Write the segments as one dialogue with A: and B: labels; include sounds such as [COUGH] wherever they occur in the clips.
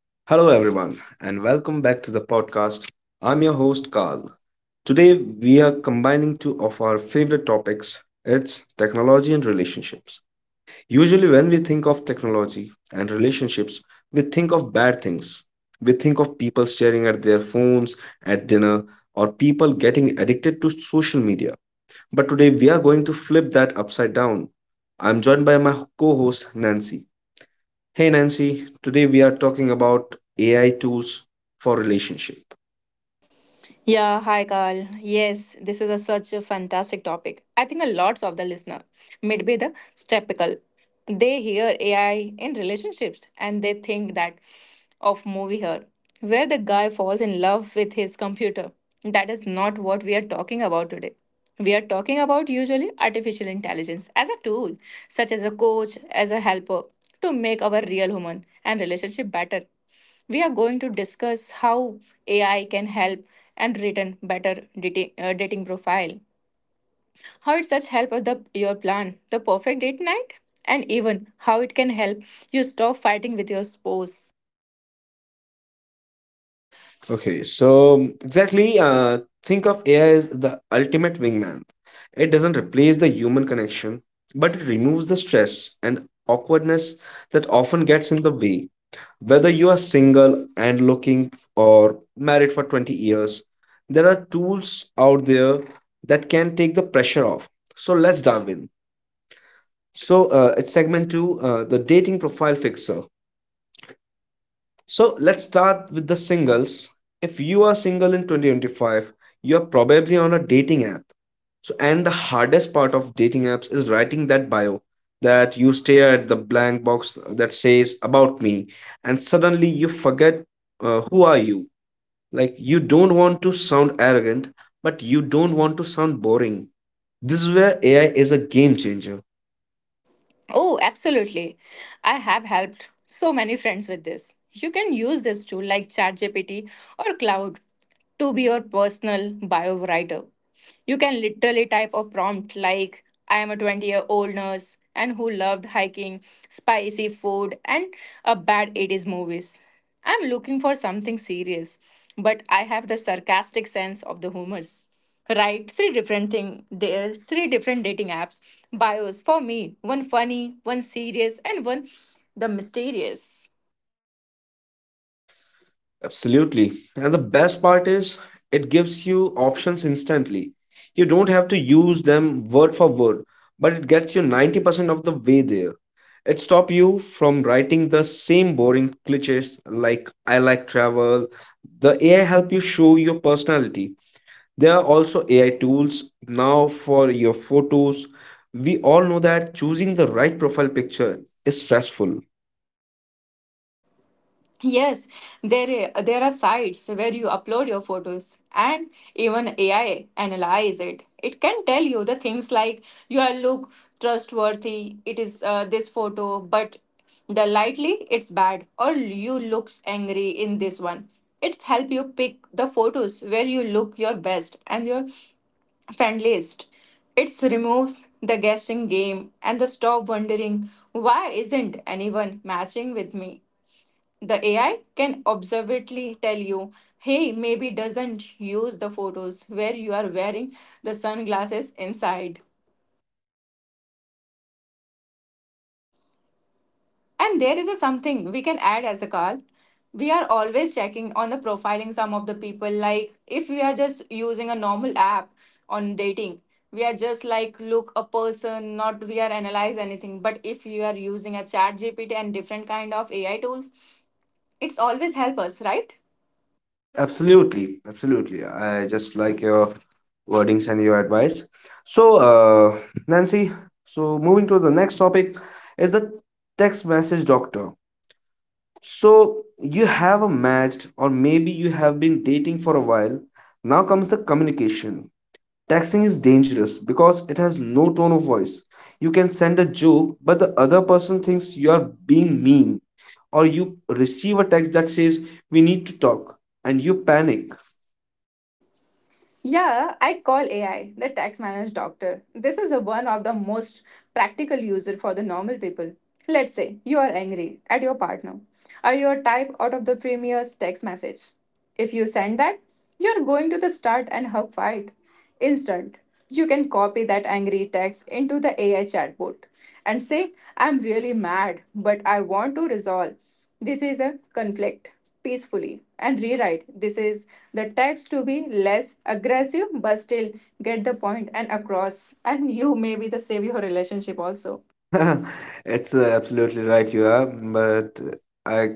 A: Hello, everyone, and welcome back to the podcast. I'm your host, Carl. Today, we are combining two of our favorite topics, it's technology and relationships. Usually, when we think of technology and relationships, we think of bad things. We think of people staring at their phones at dinner or people getting addicted to social media. But today, we are going to flip that upside down. I'm joined by my co host, Nancy. Hey Nancy, today we are talking about AI tools for relationship.
B: Yeah, hi Carl. Yes, this is such a fantastic topic. I think a lots of the listener may be the skeptical. They hear AI in relationships and they think that of movie her, where the guy falls in love with his computer. That is not what we are talking about today. We are talking about usually artificial intelligence as a tool, such as a coach, as a helper, to make our real human and relationship better. We are going to discuss how AI can help and written better dating profile. How it such help of the your plan, the perfect date night, and even how it can help you stop fighting with your spouse.
A: Okay, so exactly, think of AI as the ultimate wingman. It doesn't replace the human connection, but it removes the stress and awkwardness that often gets in the way. Whether you are single and looking or married for 20 years, there are tools out there that can take the pressure off. So let's dive in. So it's segment two, the dating profile fixer. So let's start with the singles. If you are single in 2025, you're probably on a dating app. So, and the hardest part of dating apps is writing that bio, that you stare at the blank box that says about me, and suddenly you forget who are you. Like, you don't want to sound arrogant, but you don't want to sound boring. This is where AI is a game changer.
B: Oh, absolutely. I have helped so many friends with this. You can use this tool like ChatGPT or Cloud to be your personal bio writer. You can literally type a prompt like, I am a 20-year-old year old nurse and who loved hiking, spicy food, and a bad 80s movies. I'm looking for something serious, but I have the sarcastic sense of the humors. Right, three different thing, three different dating apps bios for me, one funny, one serious, and one the mysterious.
A: Absolutely. And the best part is, it gives you options instantly. You don't have to use them word for word, but it gets you 90% of the way there. It stops you from writing the same boring cliches like I like travel. The AI help you show your personality. There are also AI tools now for your photos. We all know that choosing the right profile picture is stressful.
B: Yes, there, there are sites where you upload your photos and even AI analyze it. It can tell you the things like you are look trustworthy, it is, this photo, but the lightly it's bad or you looks angry in this one. It help you pick the photos where you look your best and your friend list. It removes the guessing game and the stop wondering why isn't anyone matching with me. The AI can observably tell you, hey, maybe doesn't use the photos where you are wearing the sunglasses inside. And there is a something we can add as a call. We are always checking on the profiling some of the people. Like if we are just using a normal app on dating, we are just like look a person, not we are analyze anything. But if you are using a chat GPT and different kind of AI tools, it's always help us, right?
A: Absolutely, absolutely. I just like your wordings and your advice. So, Nancy, so moving to the next topic is the text message doctor. So, you have a matched, or maybe you have been dating for a while. Now comes the communication. Texting is dangerous because it has no tone of voice. You can send a joke, but the other person thinks you are being mean, or you receive a text that says, "We need to talk," and you panic.
B: Yeah, I call AI the tax managed doctor. This is a one of the most practical user for the normal people. Let's say you are angry at your partner or you type out of the premier's text message. If you send that, you're going to the start and hug fight. Instant. You can copy that angry text into the AI chatbot and say, I'm really mad, but I want to resolve. This is a conflict peacefully and rewrite. This is the text to be less aggressive but still get the point and across, and you may be the save your relationship also.
A: [LAUGHS] It's absolutely right you are, but I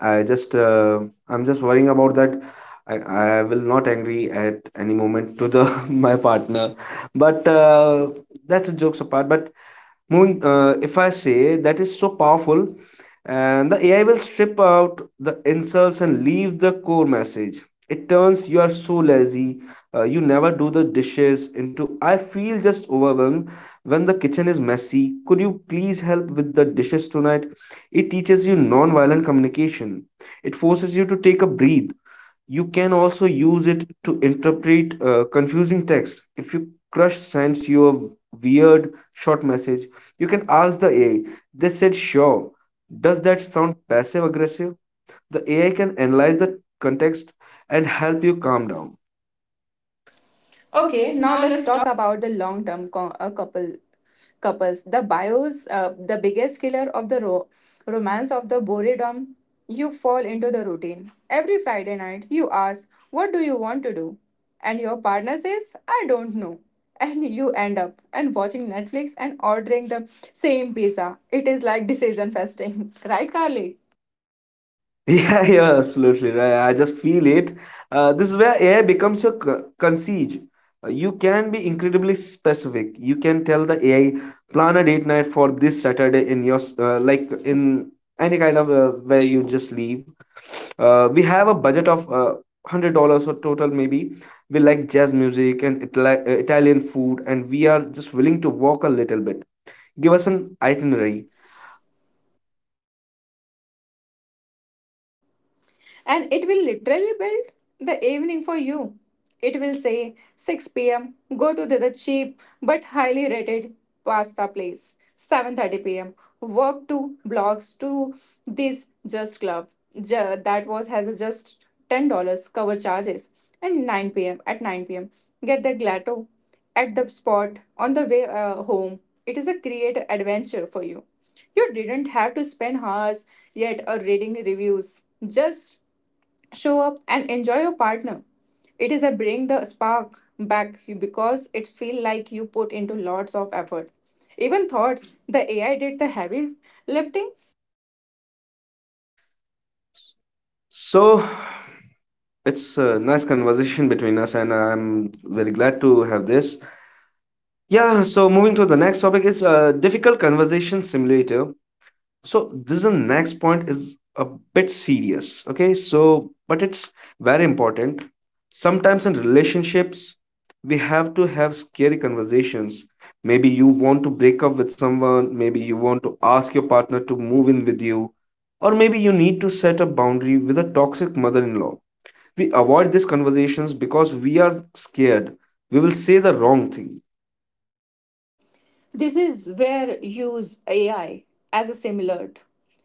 A: I just uh, I'm just worrying about that. I will not angry at any moment to the [LAUGHS] my partner, but that's jokes apart. But moving, if I say that is so powerful, and the AI will strip out the insults and leave the core message. It turns you are so lazy, you never do the dishes, into I feel just overwhelmed when the kitchen is messy. Could you please help with the dishes tonight? It teaches you non violent communication. It forces you to take a breath. You can also use it to interpret confusing text. If you crush sends you a weird short message, you can ask the AI, they said sure, does that sound passive aggressive? The AI can analyze the context and help you calm down.
B: Okay,
A: Okay,
B: now
A: now
B: let's
A: let's.
B: talk about the long term couples. The bios, the biggest killer of the romance of the boredom. You fall into the routine. Every Friday night, you ask, "What do you want to do?" And your partner says, "I don't know." [LAUGHS] And you end up and watching Netflix and ordering the same pizza. It is like decision fasting, [LAUGHS] right, Carly?
A: Yeah, [LAUGHS] yeah, absolutely right. I just feel it. This is where AI becomes your concierge. You can be incredibly specific. You can tell the AI, plan a date night for this Saturday in your like in any kind of where you just leave. We have a budget of $100 or total maybe. We like jazz music and Italian food, and we are just willing to walk a little bit. Give us an itinerary.
B: And it will literally build the evening for you. It will say 6 p.m. go to the cheap but highly rated pasta place. 7:30 p.m. walk to blocks to this just club. That was has a just $10 cover charges, and 9 pm get the gelato at the spot on the way home. It is a creative adventure for you. You didn't have to spend hours yet or reading reviews. Just show up and enjoy your partner. It is a bring the spark back because it feel like you put into lots of effort. Even thoughts, the AI did the heavy lifting.
A: So, it's a nice conversation between us, and I'm very glad to have this. Yeah, so moving to the next topic is a difficult conversation simulator. So this is the next point is a bit serious, okay? So, but it's very important. Sometimes in relationships, we have to have scary conversations. Maybe you want to break up with someone, maybe you want to ask your partner to move in with you, or maybe you need to set a boundary with a toxic mother-in-law. We avoid these conversations because we are scared we will say the wrong thing.
B: This is where use AI as a simulate.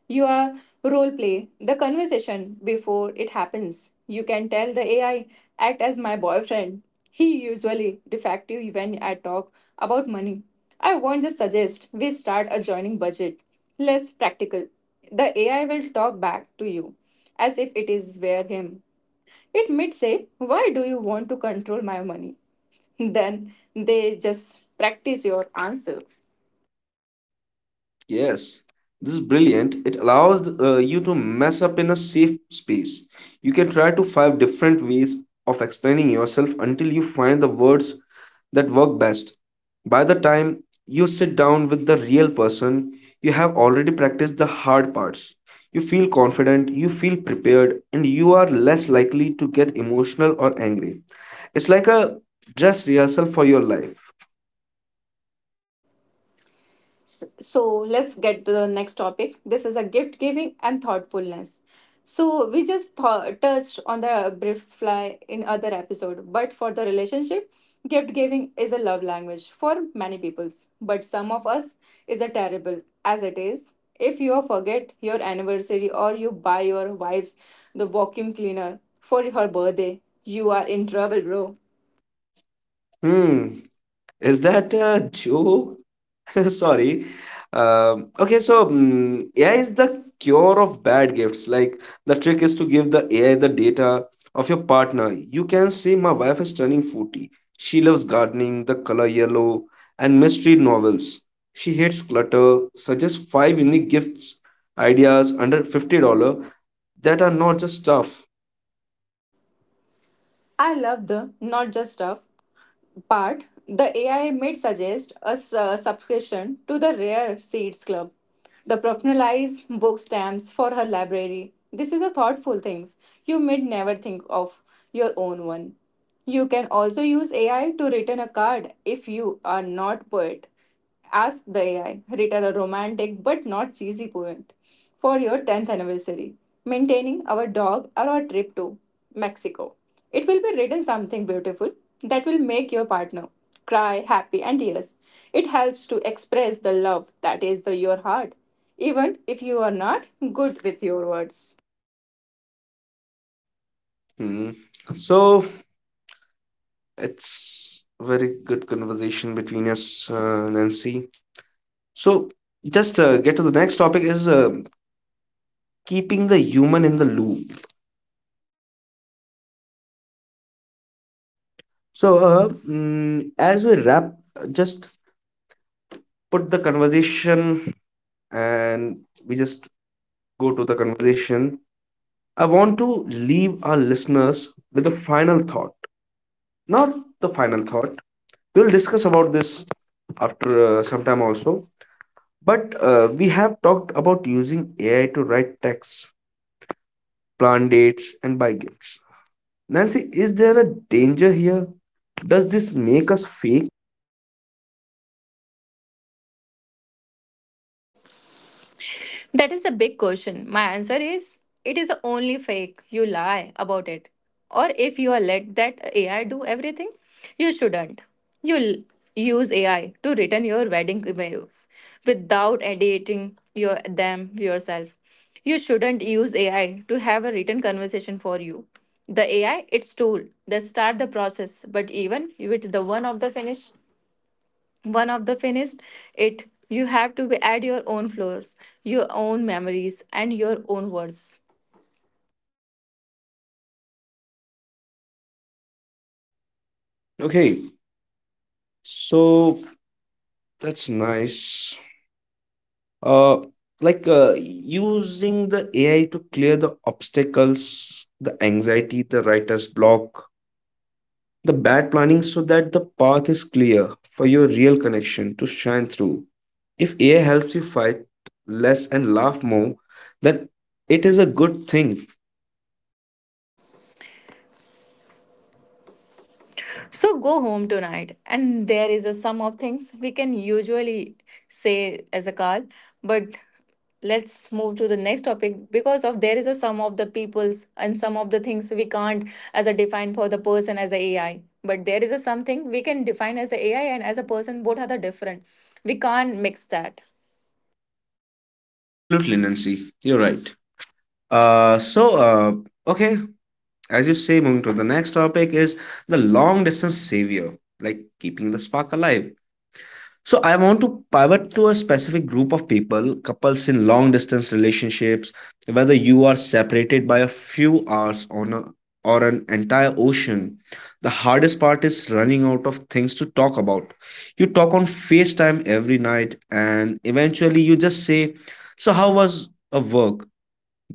B: You are role play the conversation before it happens. You can tell the AI, act as my boyfriend. He usually defective when I talk about money. I won't just suggest we start a joining budget. Less practical. The AI will talk back to you as if it is where him. It might say, Why do you want to control my money? [LAUGHS] Then they just practice your answer.
A: Yes, this is brilliant. It allows you to mess up in a safe space. You can try to 5 different ways of explaining yourself until you find the words that work best. By the time you sit down with the real person, you have already practiced the hard parts. You feel confident, you feel prepared, and you are less likely to get emotional or angry. It's like a dress rehearsal for your life.
B: So let's get to the next topic. This is a gift giving and thoughtfulness. So we just thought, touched on the brief fly in other episode, but for the relationship, gift giving is a love language for many peoples, but some of us is a terrible as it is. If you forget your anniversary or you buy your wife's the vacuum cleaner for her birthday, you are in trouble, bro.
A: Hmm. Is that a joke? [LAUGHS] Sorry. Okay, so mm, AI is the cure of bad gifts. Like the trick is to give the AI the data of your partner. You can say my wife is turning 40. She loves gardening, the color yellow, and mystery novels. She hates clutter. Suggest five unique gifts ideas under $50 that are not just stuff.
B: I love the not just stuff part. The AI might suggest a subscription to the Rare Seeds Club, the personalized book stamps for her library. This is a thoughtful things you may never think of your own one. You can also use AI to return a card if you are not poet. Ask the AI, retell a romantic but not cheesy poem for your 10th anniversary, maintaining our dog or our trip to Mexico. It will be written something beautiful that will make your partner cry, happy, and tears. It helps to express the love that is your heart, even if you are not good with your words.
A: Hmm. So it's a very good conversation between us, Nancy. So, just get to the next topic is keeping the human in the loop. So, mm, as we wrap, just put the conversation and we just go to the conversation. I want to leave our listeners with a final thought. Not the final thought. We'll discuss about this after some time also. But we have talked about using AI to write text, plan dates, and buy gifts. Nancy, is there a danger here? Does this make us fake?
B: That is a big question. My answer is it is only fake. You lie about it. Or if you are let that AI do everything, you shouldn't. You l- Use AI to return your wedding emails without editing your them yourself. You shouldn't use AI to have a written conversation for you. The AI, its tool, they start the process, but even with the one of the finished it, you have to be add your own floors, your own memories, and your own words.
A: Okay, so that's nice. Uh, Using the AI to clear the obstacles, the anxiety, the writer's block, the bad planning, so that the path is clear for your real connection to shine through. If AI helps you fight less and laugh more, then it is a good thing.
B: So go home tonight, and there is a sum of things we can usually say as a call. But let's move to the next topic, because of there is a sum of the peoples and some of the things we can't as a define for the person as a AI. But there is a something we can define as a AI and as a person, both are the different. We can't mix that.
A: Absolutely, Nancy. You're right. Uh, so uh, okay, as you say, moving to the next topic is the long distance savior, like keeping the spark alive. So I want to pivot to a specific group of people, couples in long distance relationships, whether you are separated by a few hours on a, or an entire ocean. The hardest part is running out of things to talk about. You talk on FaceTime every night, and eventually you just say, "So how was a work?"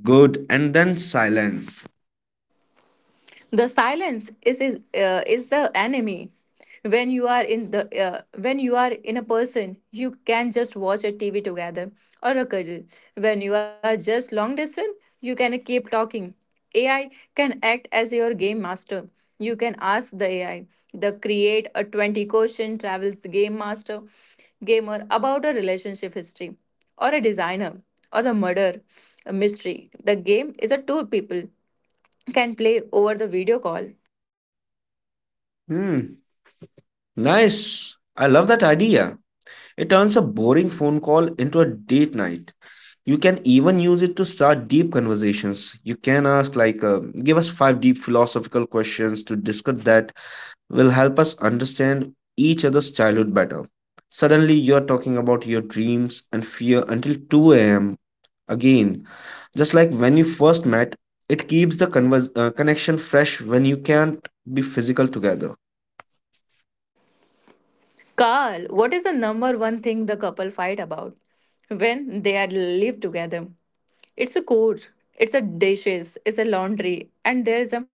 A: Good, and then silence.
B: The silence is the enemy. When you are in the when you are in a person, you can just watch a TV together or a cuddle. When you are just long distance, you can keep talking. AI can act as your game master. You can ask the AI, the create a 20 question travels game master gamer about a relationship history, or a designer, or the murder, a mystery. The game is a two people can play over the video call.
A: Hmm, nice. I love that idea. It turns a boring phone call into a date night. You can even use it to start deep conversations. You can ask, like, give us 5 deep philosophical questions to discuss that will help us understand each other's childhood better. Suddenly, you're talking about your dreams and fear until 2 a.m. again. Just like when you first met, it keeps the connection fresh when you can't be physical together.
B: Carl, what is the number one thing the couple fight about when they are live together? It's a course, it's a dishes, it's a laundry, and there is a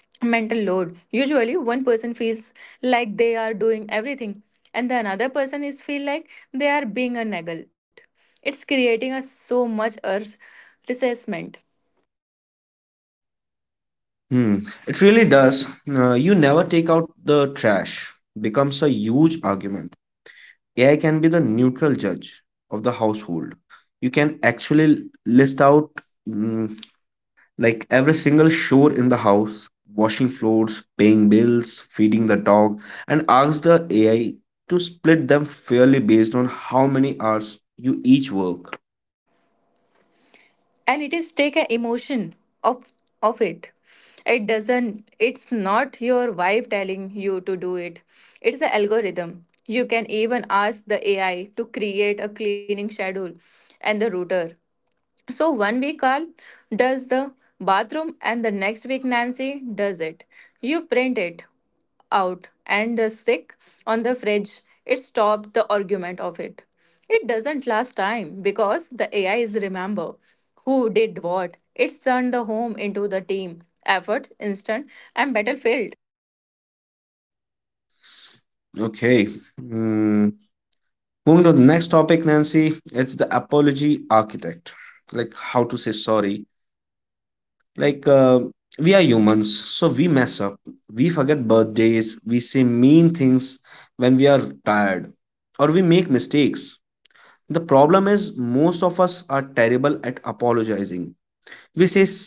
B: mental load. Usually, one person feels like they are doing everything, and the another person is feel like they are being a neglect. It's creating a so much earth resentment.
A: Hmm, it really does. You never take out the trash becomes a huge argument. AI can be the neutral judge of the household. You can actually list out mm, like every single chore in the house, washing floors, paying bills, feeding the dog, and ask the AI to split them fairly based on how many hours you each work.
B: And it is take an emotion of of it. It doesn't, it's not your wife telling you to do it, it's an algorithm. You can even ask the AI to create a cleaning schedule and the router, so one week Carl does the bathroom, and the next week Nancy does it. You print it out and the stick on the fridge. It stopped the argument of it. It doesn't last time because the AI is remember who did what. It turned the home into the team effort, instant, and battlefield.
A: Okay. Hmm. Moving to the next topic, Nancy, it's the apology architect, like how to say sorry. like uh, we are humans, so we mess up. We forget birthdays, we say mean things when we are tired, or we make mistakes. The problem is most of us are terrible at apologizing. We say s-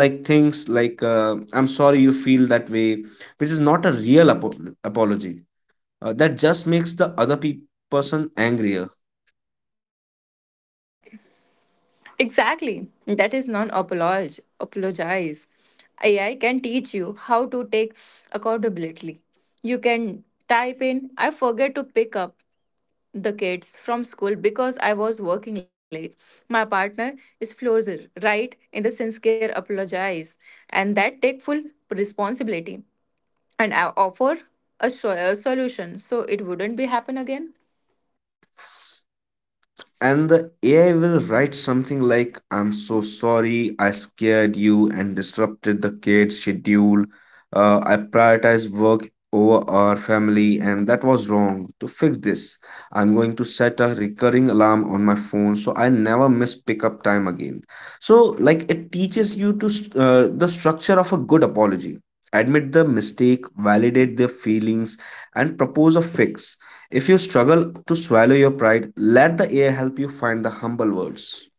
A: like things like "I'm sorry you feel that way," which is not a real apology. That just makes the other person angrier.
B: Exactly. That is non apologize. Apologize. AI can teach you how to take accountability. You can type in, I forget to pick up the kids from school because I was working late. My partner is Florzer, right? In the sincere apologize. And that take full responsibility. And I offer a a solution so it wouldn't be happen again.
A: And the AI will write something like, "I'm so sorry, I scared you and disrupted the kids' schedule. I prioritize work over our family, and that was wrong. To fix this, I'm going to set a recurring alarm on my phone so I never miss pickup time again." So, like, it teaches you to the structure of a good apology. Admit the mistake, validate their feelings, and propose a fix. If you struggle to swallow your pride, let the AI help you find the humble words.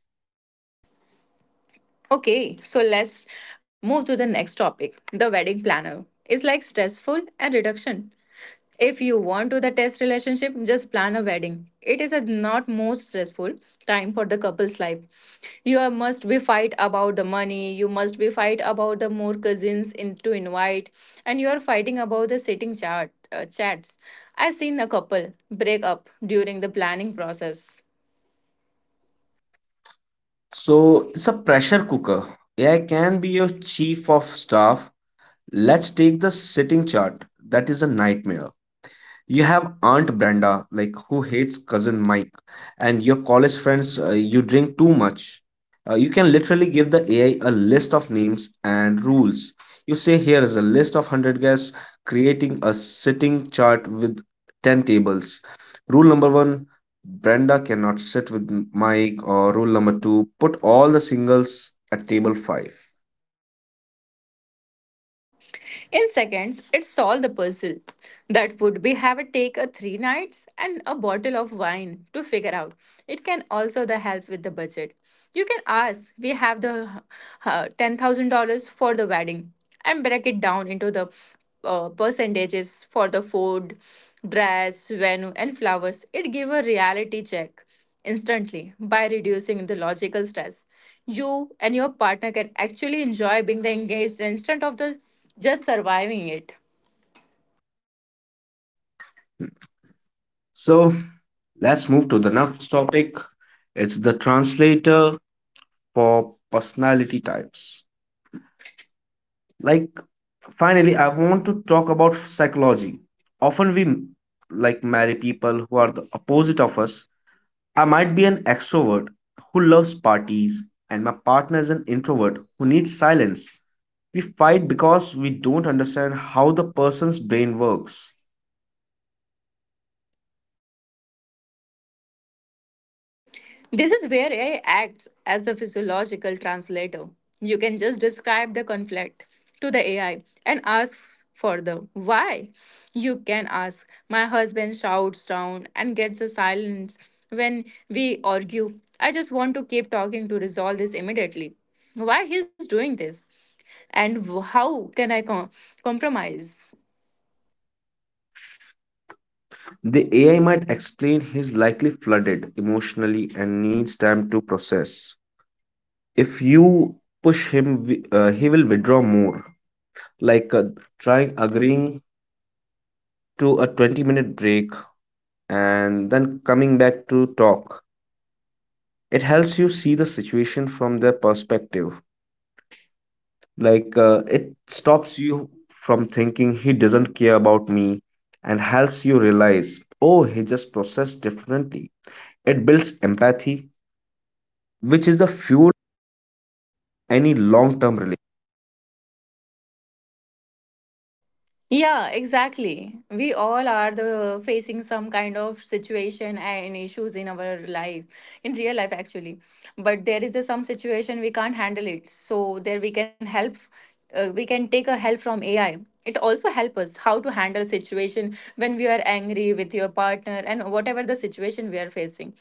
B: Okay, so let's move to the next topic. The wedding planner is like stressful and reduction. If you want to the test relationship, just plan a wedding. It is a not most stressful time for the couple's life. Must be fight about the money. You must be fight about the more cousins in, to invite, and you are fighting about the sitting chart chats. I seen a couple break up during the planning process.
A: So it's a pressure cooker. AI can be your chief of staff. Let's take the sitting chart. That is a nightmare. You have Aunt Brenda, like, who hates cousin Mike, and your college friends, you drink too much. You can literally give the AI a list of names and rules. You say, here is a list of 100 guests, creating a sitting chart with 10 tables. Rule number one, Brenda cannot sit with Mike, or rule number two, put all the singles at table 5.
B: In seconds, it solved the puzzle that would be have it take a three nights and a bottle of wine to figure out. It can also the help with the budget. You can ask, we have the $10,000 for the wedding, and break it down into the percentages for the food, dress, venue, and flowers. It give a reality check instantly by reducing the logical stress. You and your partner can actually enjoy being the engaged instead of the just surviving it.
A: So let's move to the next topic. It's the translator for personality types. Like, finally, I want to talk about psychology. Often we like marry people who are the opposite of us. I might be an extrovert who loves parties, and my partner is an introvert who needs silence. We fight because we don't understand how the person's brain works.
B: This is where AI acts as a physiological translator. You can just describe the conflict to the AI and ask for the why. You can ask, my husband shouts down and gets a silence when we argue. I just want to keep talking to resolve this immediately. Why he's doing this? And how can I compromise?
A: The AI might explain he's likely flooded emotionally and needs time to process. If you push him, he will withdraw more. like uh, Trying agreeing to a 20-minute break and then coming back to talk, it helps you see the situation from their perspective. Like, it stops you from thinking he doesn't care about me and helps you realize, oh, he just processed differently. It builds empathy, which is the fuel any long term relationship.
B: Yeah, exactly. We all are the facing some kind of situation and issues in our life, in real life actually. But there is a, some situation we can't handle it. So there we can help. We can take a help from AI. It also help us how to handle situation when we are angry with your partner and whatever the situation we are facing.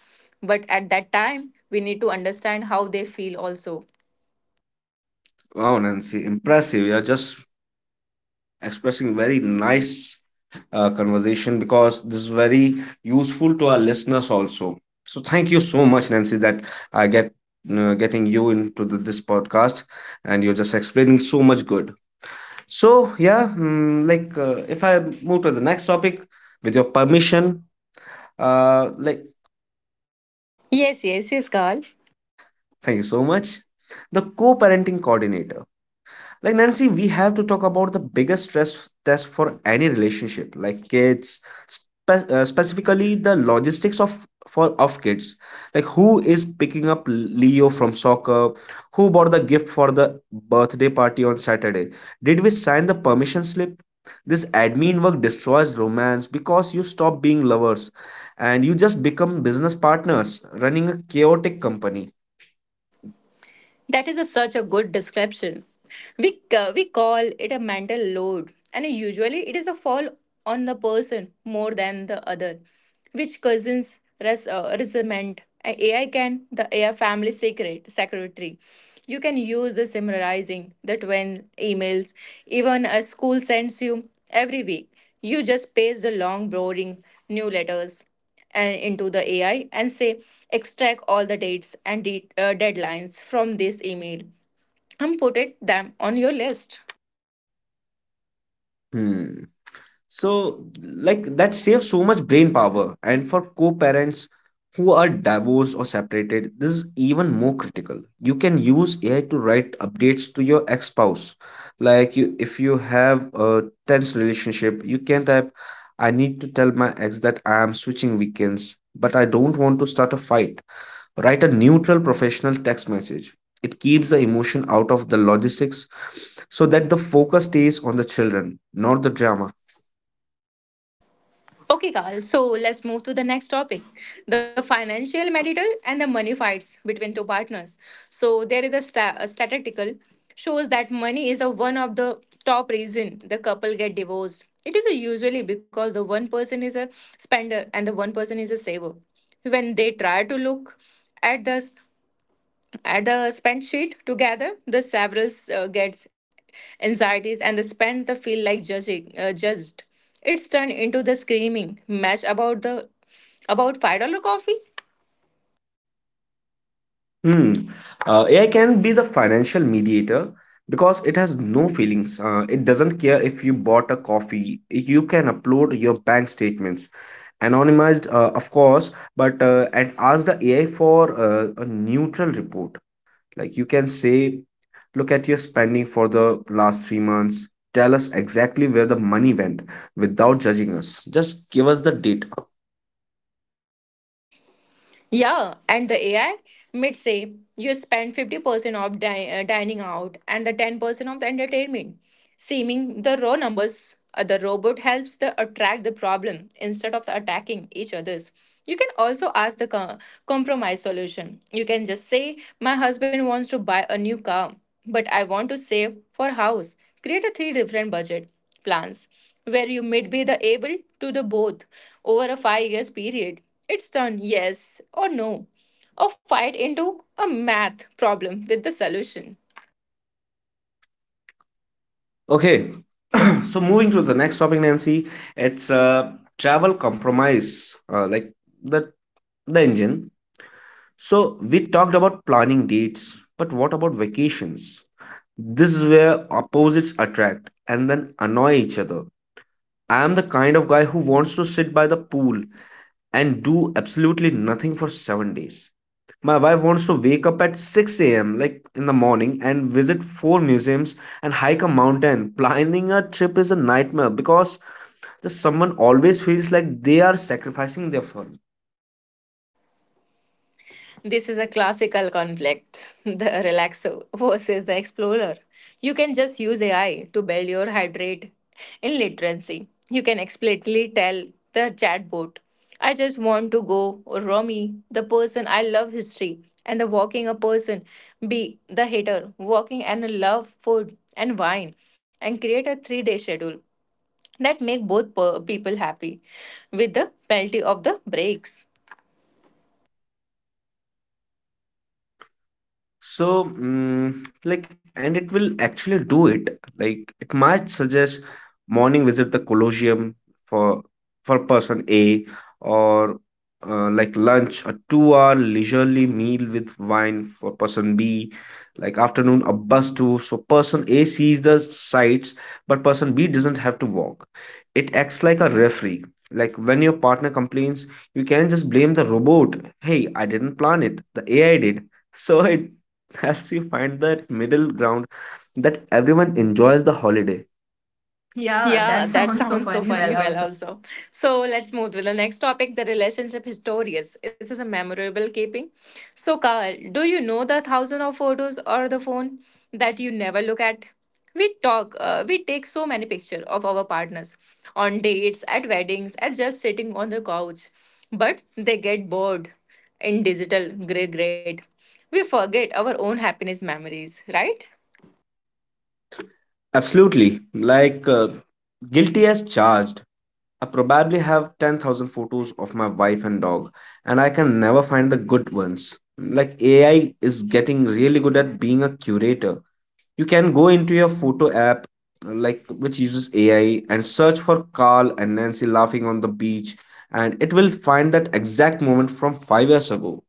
B: But at that time, we need to understand how they feel also.
A: Wow, Nancy, impressive. You're just expressing very nice conversation because this is very useful to our listeners also. So thank you so much, Nancy, that I get getting you into this podcast, and you're just explaining so much good. So yeah, if I move to the next topic, with your permission, uh, like
B: Yes, yes, yes, Carl.
A: thank you so much. The co-parenting coordinator. Like, Nancy, we have to talk about the biggest stress test for any relationship, like kids. Specifically, the logistics of, for of kids. Like, who is picking up Leo from soccer? Who bought the gift for the birthday party on Saturday? Did we sign the permission slip? This admin work destroys romance because you stop being lovers and you just become business partners running a chaotic company.
B: That is a, such a good description. We, we call it a mental load, and usually it is a fall on the person more than the other, which causes resentment. AI can, the AI family secret, secretary. You can use the summarizing the twin emails, even a school sends you every week. You just paste the long, boring new letters into the AI and say, extract all the dates and deadlines from this email and put it them on your list.
A: Hmm. So, like, that saves so much brain power. And for co-parents who are divorced or separated, this is even more critical. You can use AI to write updates to your ex-spouse. Like, you, if you have a tense relationship, you can type, "I need to tell my ex that I am switching weekends, but I don't want to start a fight." Write a neutral professional text message. It keeps the emotion out of the logistics so that the focus stays on the children, not the drama.
B: Okay, Carl. So let's move to the next topic the financial marital and the money fights between two partners. So there is a, a statistical shows that money is a one of the top reason the couple get divorced. It is usually because the one person is a spender and the one person is a saver. When they try to look at this at the spend sheet together, the several gets anxieties and the spend the feel like judging judged. It's turned into the screaming match about the about $5 coffee.
A: Hmm. AI can be the financial mediator because it has no feelings. It doesn't care if you bought a coffee. You can upload your bank statements, anonymized, of course, but and ask the AI for a neutral report. Like, you can say, look at your spending for the last 3 months. Tell us exactly where the money went without judging us. Just give us the data.
B: Yeah, and the AI might say you spend 50% of dining out and the 10% of the entertainment. Seeming the raw numbers, the robot helps the attract the problem instead of the attacking each others. You can also ask the compromise solution. You can just say, "My husband wants to buy a new car, but I want to save for house." Create a three different budget plans where you may be the able to the both over a 5 years period. It's turn yes or no or fight into a math problem with the solution.
A: Okay, so moving to the next topic, Nancy, it's travel compromise, like the the engine. So we talked about planning dates, but what about vacations? This is where opposites attract and then annoy each other. I am the kind of guy who wants to sit by the pool and do absolutely nothing for 7 days. My wife wants to wake up at 6 a.m. like in the morning and visit four museums and hike a mountain. Planning a trip is a nightmare because the someone always feels like they are sacrificing their fun.
B: This is a classical conflict [LAUGHS] the relaxer versus the explorer. You can just use AI to build your heart rate in literacy. You can explicitly tell the chatbot, I just want to go Romy, the person I love history, and the walking a person, B, the hater, walking and love food and wine, and create a 3 day schedule that make both people happy with the penalty of the breaks.
A: So, and it will actually do it. Like, it might suggest morning, visit the Colosseum for for person A, or lunch, a two-hour leisurely meal with wine for person B, like afternoon, a bus tour. So person A sees the sights, but person B doesn't have to walk. It acts like a referee. Like, when your partner complains, you can't just blame the robot. Hey, I didn't plan it. The AI did. So it [LAUGHS] helps you find that middle ground that everyone enjoys the holiday. Yeah, that
B: Yeah, that [LAUGHS]
A: sounds so
B: sounds so
A: funny. Well,
B: funny. Well,
A: also.
B: also. So let's move to the next topic the relationship historians. Is this is a memorable keeping? So, Carl, do you know the thousand of photos or the phone that you never look at? We talk, we take so many pictures of our partners on dates, at weddings, and just sitting on the couch. But they get bored in digital gray grade. We forget our own happiness memories, right?
A: Absolutely. Guilty as charged. I probably have 10,000 photos of my wife and dog, and I can never find the good ones. Like, AI is getting really good at being a curator. You can go into your photo app, like, which uses AI, and search for Carl and Nancy laughing on the beach, and it will find that exact moment from 5 years ago.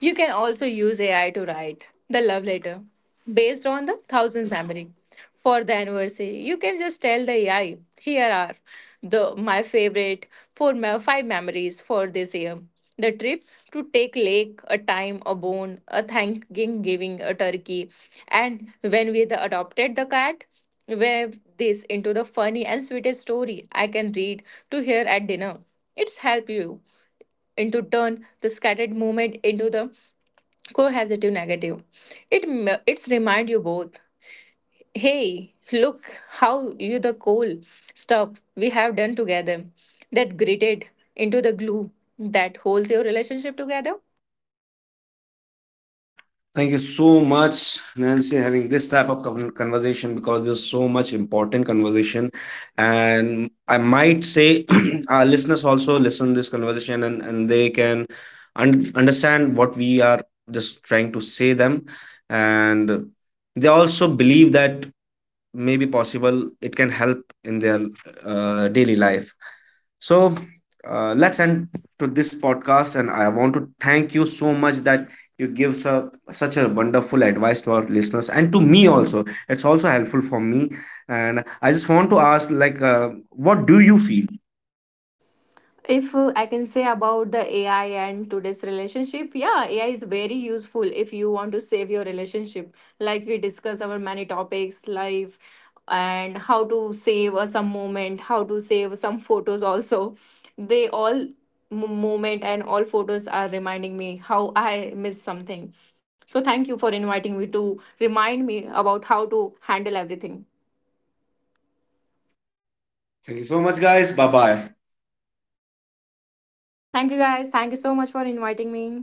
B: You can also use AI to write the love letter based on the thousandth memory for the anniversary. You can just tell the AI, here are the my favorite four five memories for this year. The trip to take lake, a time, a bone, a thanking giving, a turkey, and when we the adopted the cat, weave this into the funny and sweetest story I can read to hear at dinner. It's help you into turn the scattered moment into the cohesive negative. It's remind you both, hey look how you the cool stuff we have done together that gritted into the glue that holds your relationship together.
A: Thank you so much, Nancy, having this type of conversation, because there's so much important conversation, and I might say [CLEARS THROAT] our listeners also listen this conversation, and, they can understand what we are just trying to say them, and they also believe that may be possible it can help in their daily life. So, let's end to this podcast, and I want to thank you so much that you give such a wonderful advice to our listeners, and to me also it's also helpful for me. And I just want to ask, what do you feel?
B: If I can say about the AI and today's relationship, yeah, AI is very useful if you want to save your relationship. Like we discuss our many topics, life and how to save some moment, how to save some photos also. They all moment and all photos are reminding me how I miss something. So thank you for inviting me to remind me about how to handle everything.
A: Thank you so much, guys. Bye bye.
B: Thank you guys. Thank you so much for inviting me.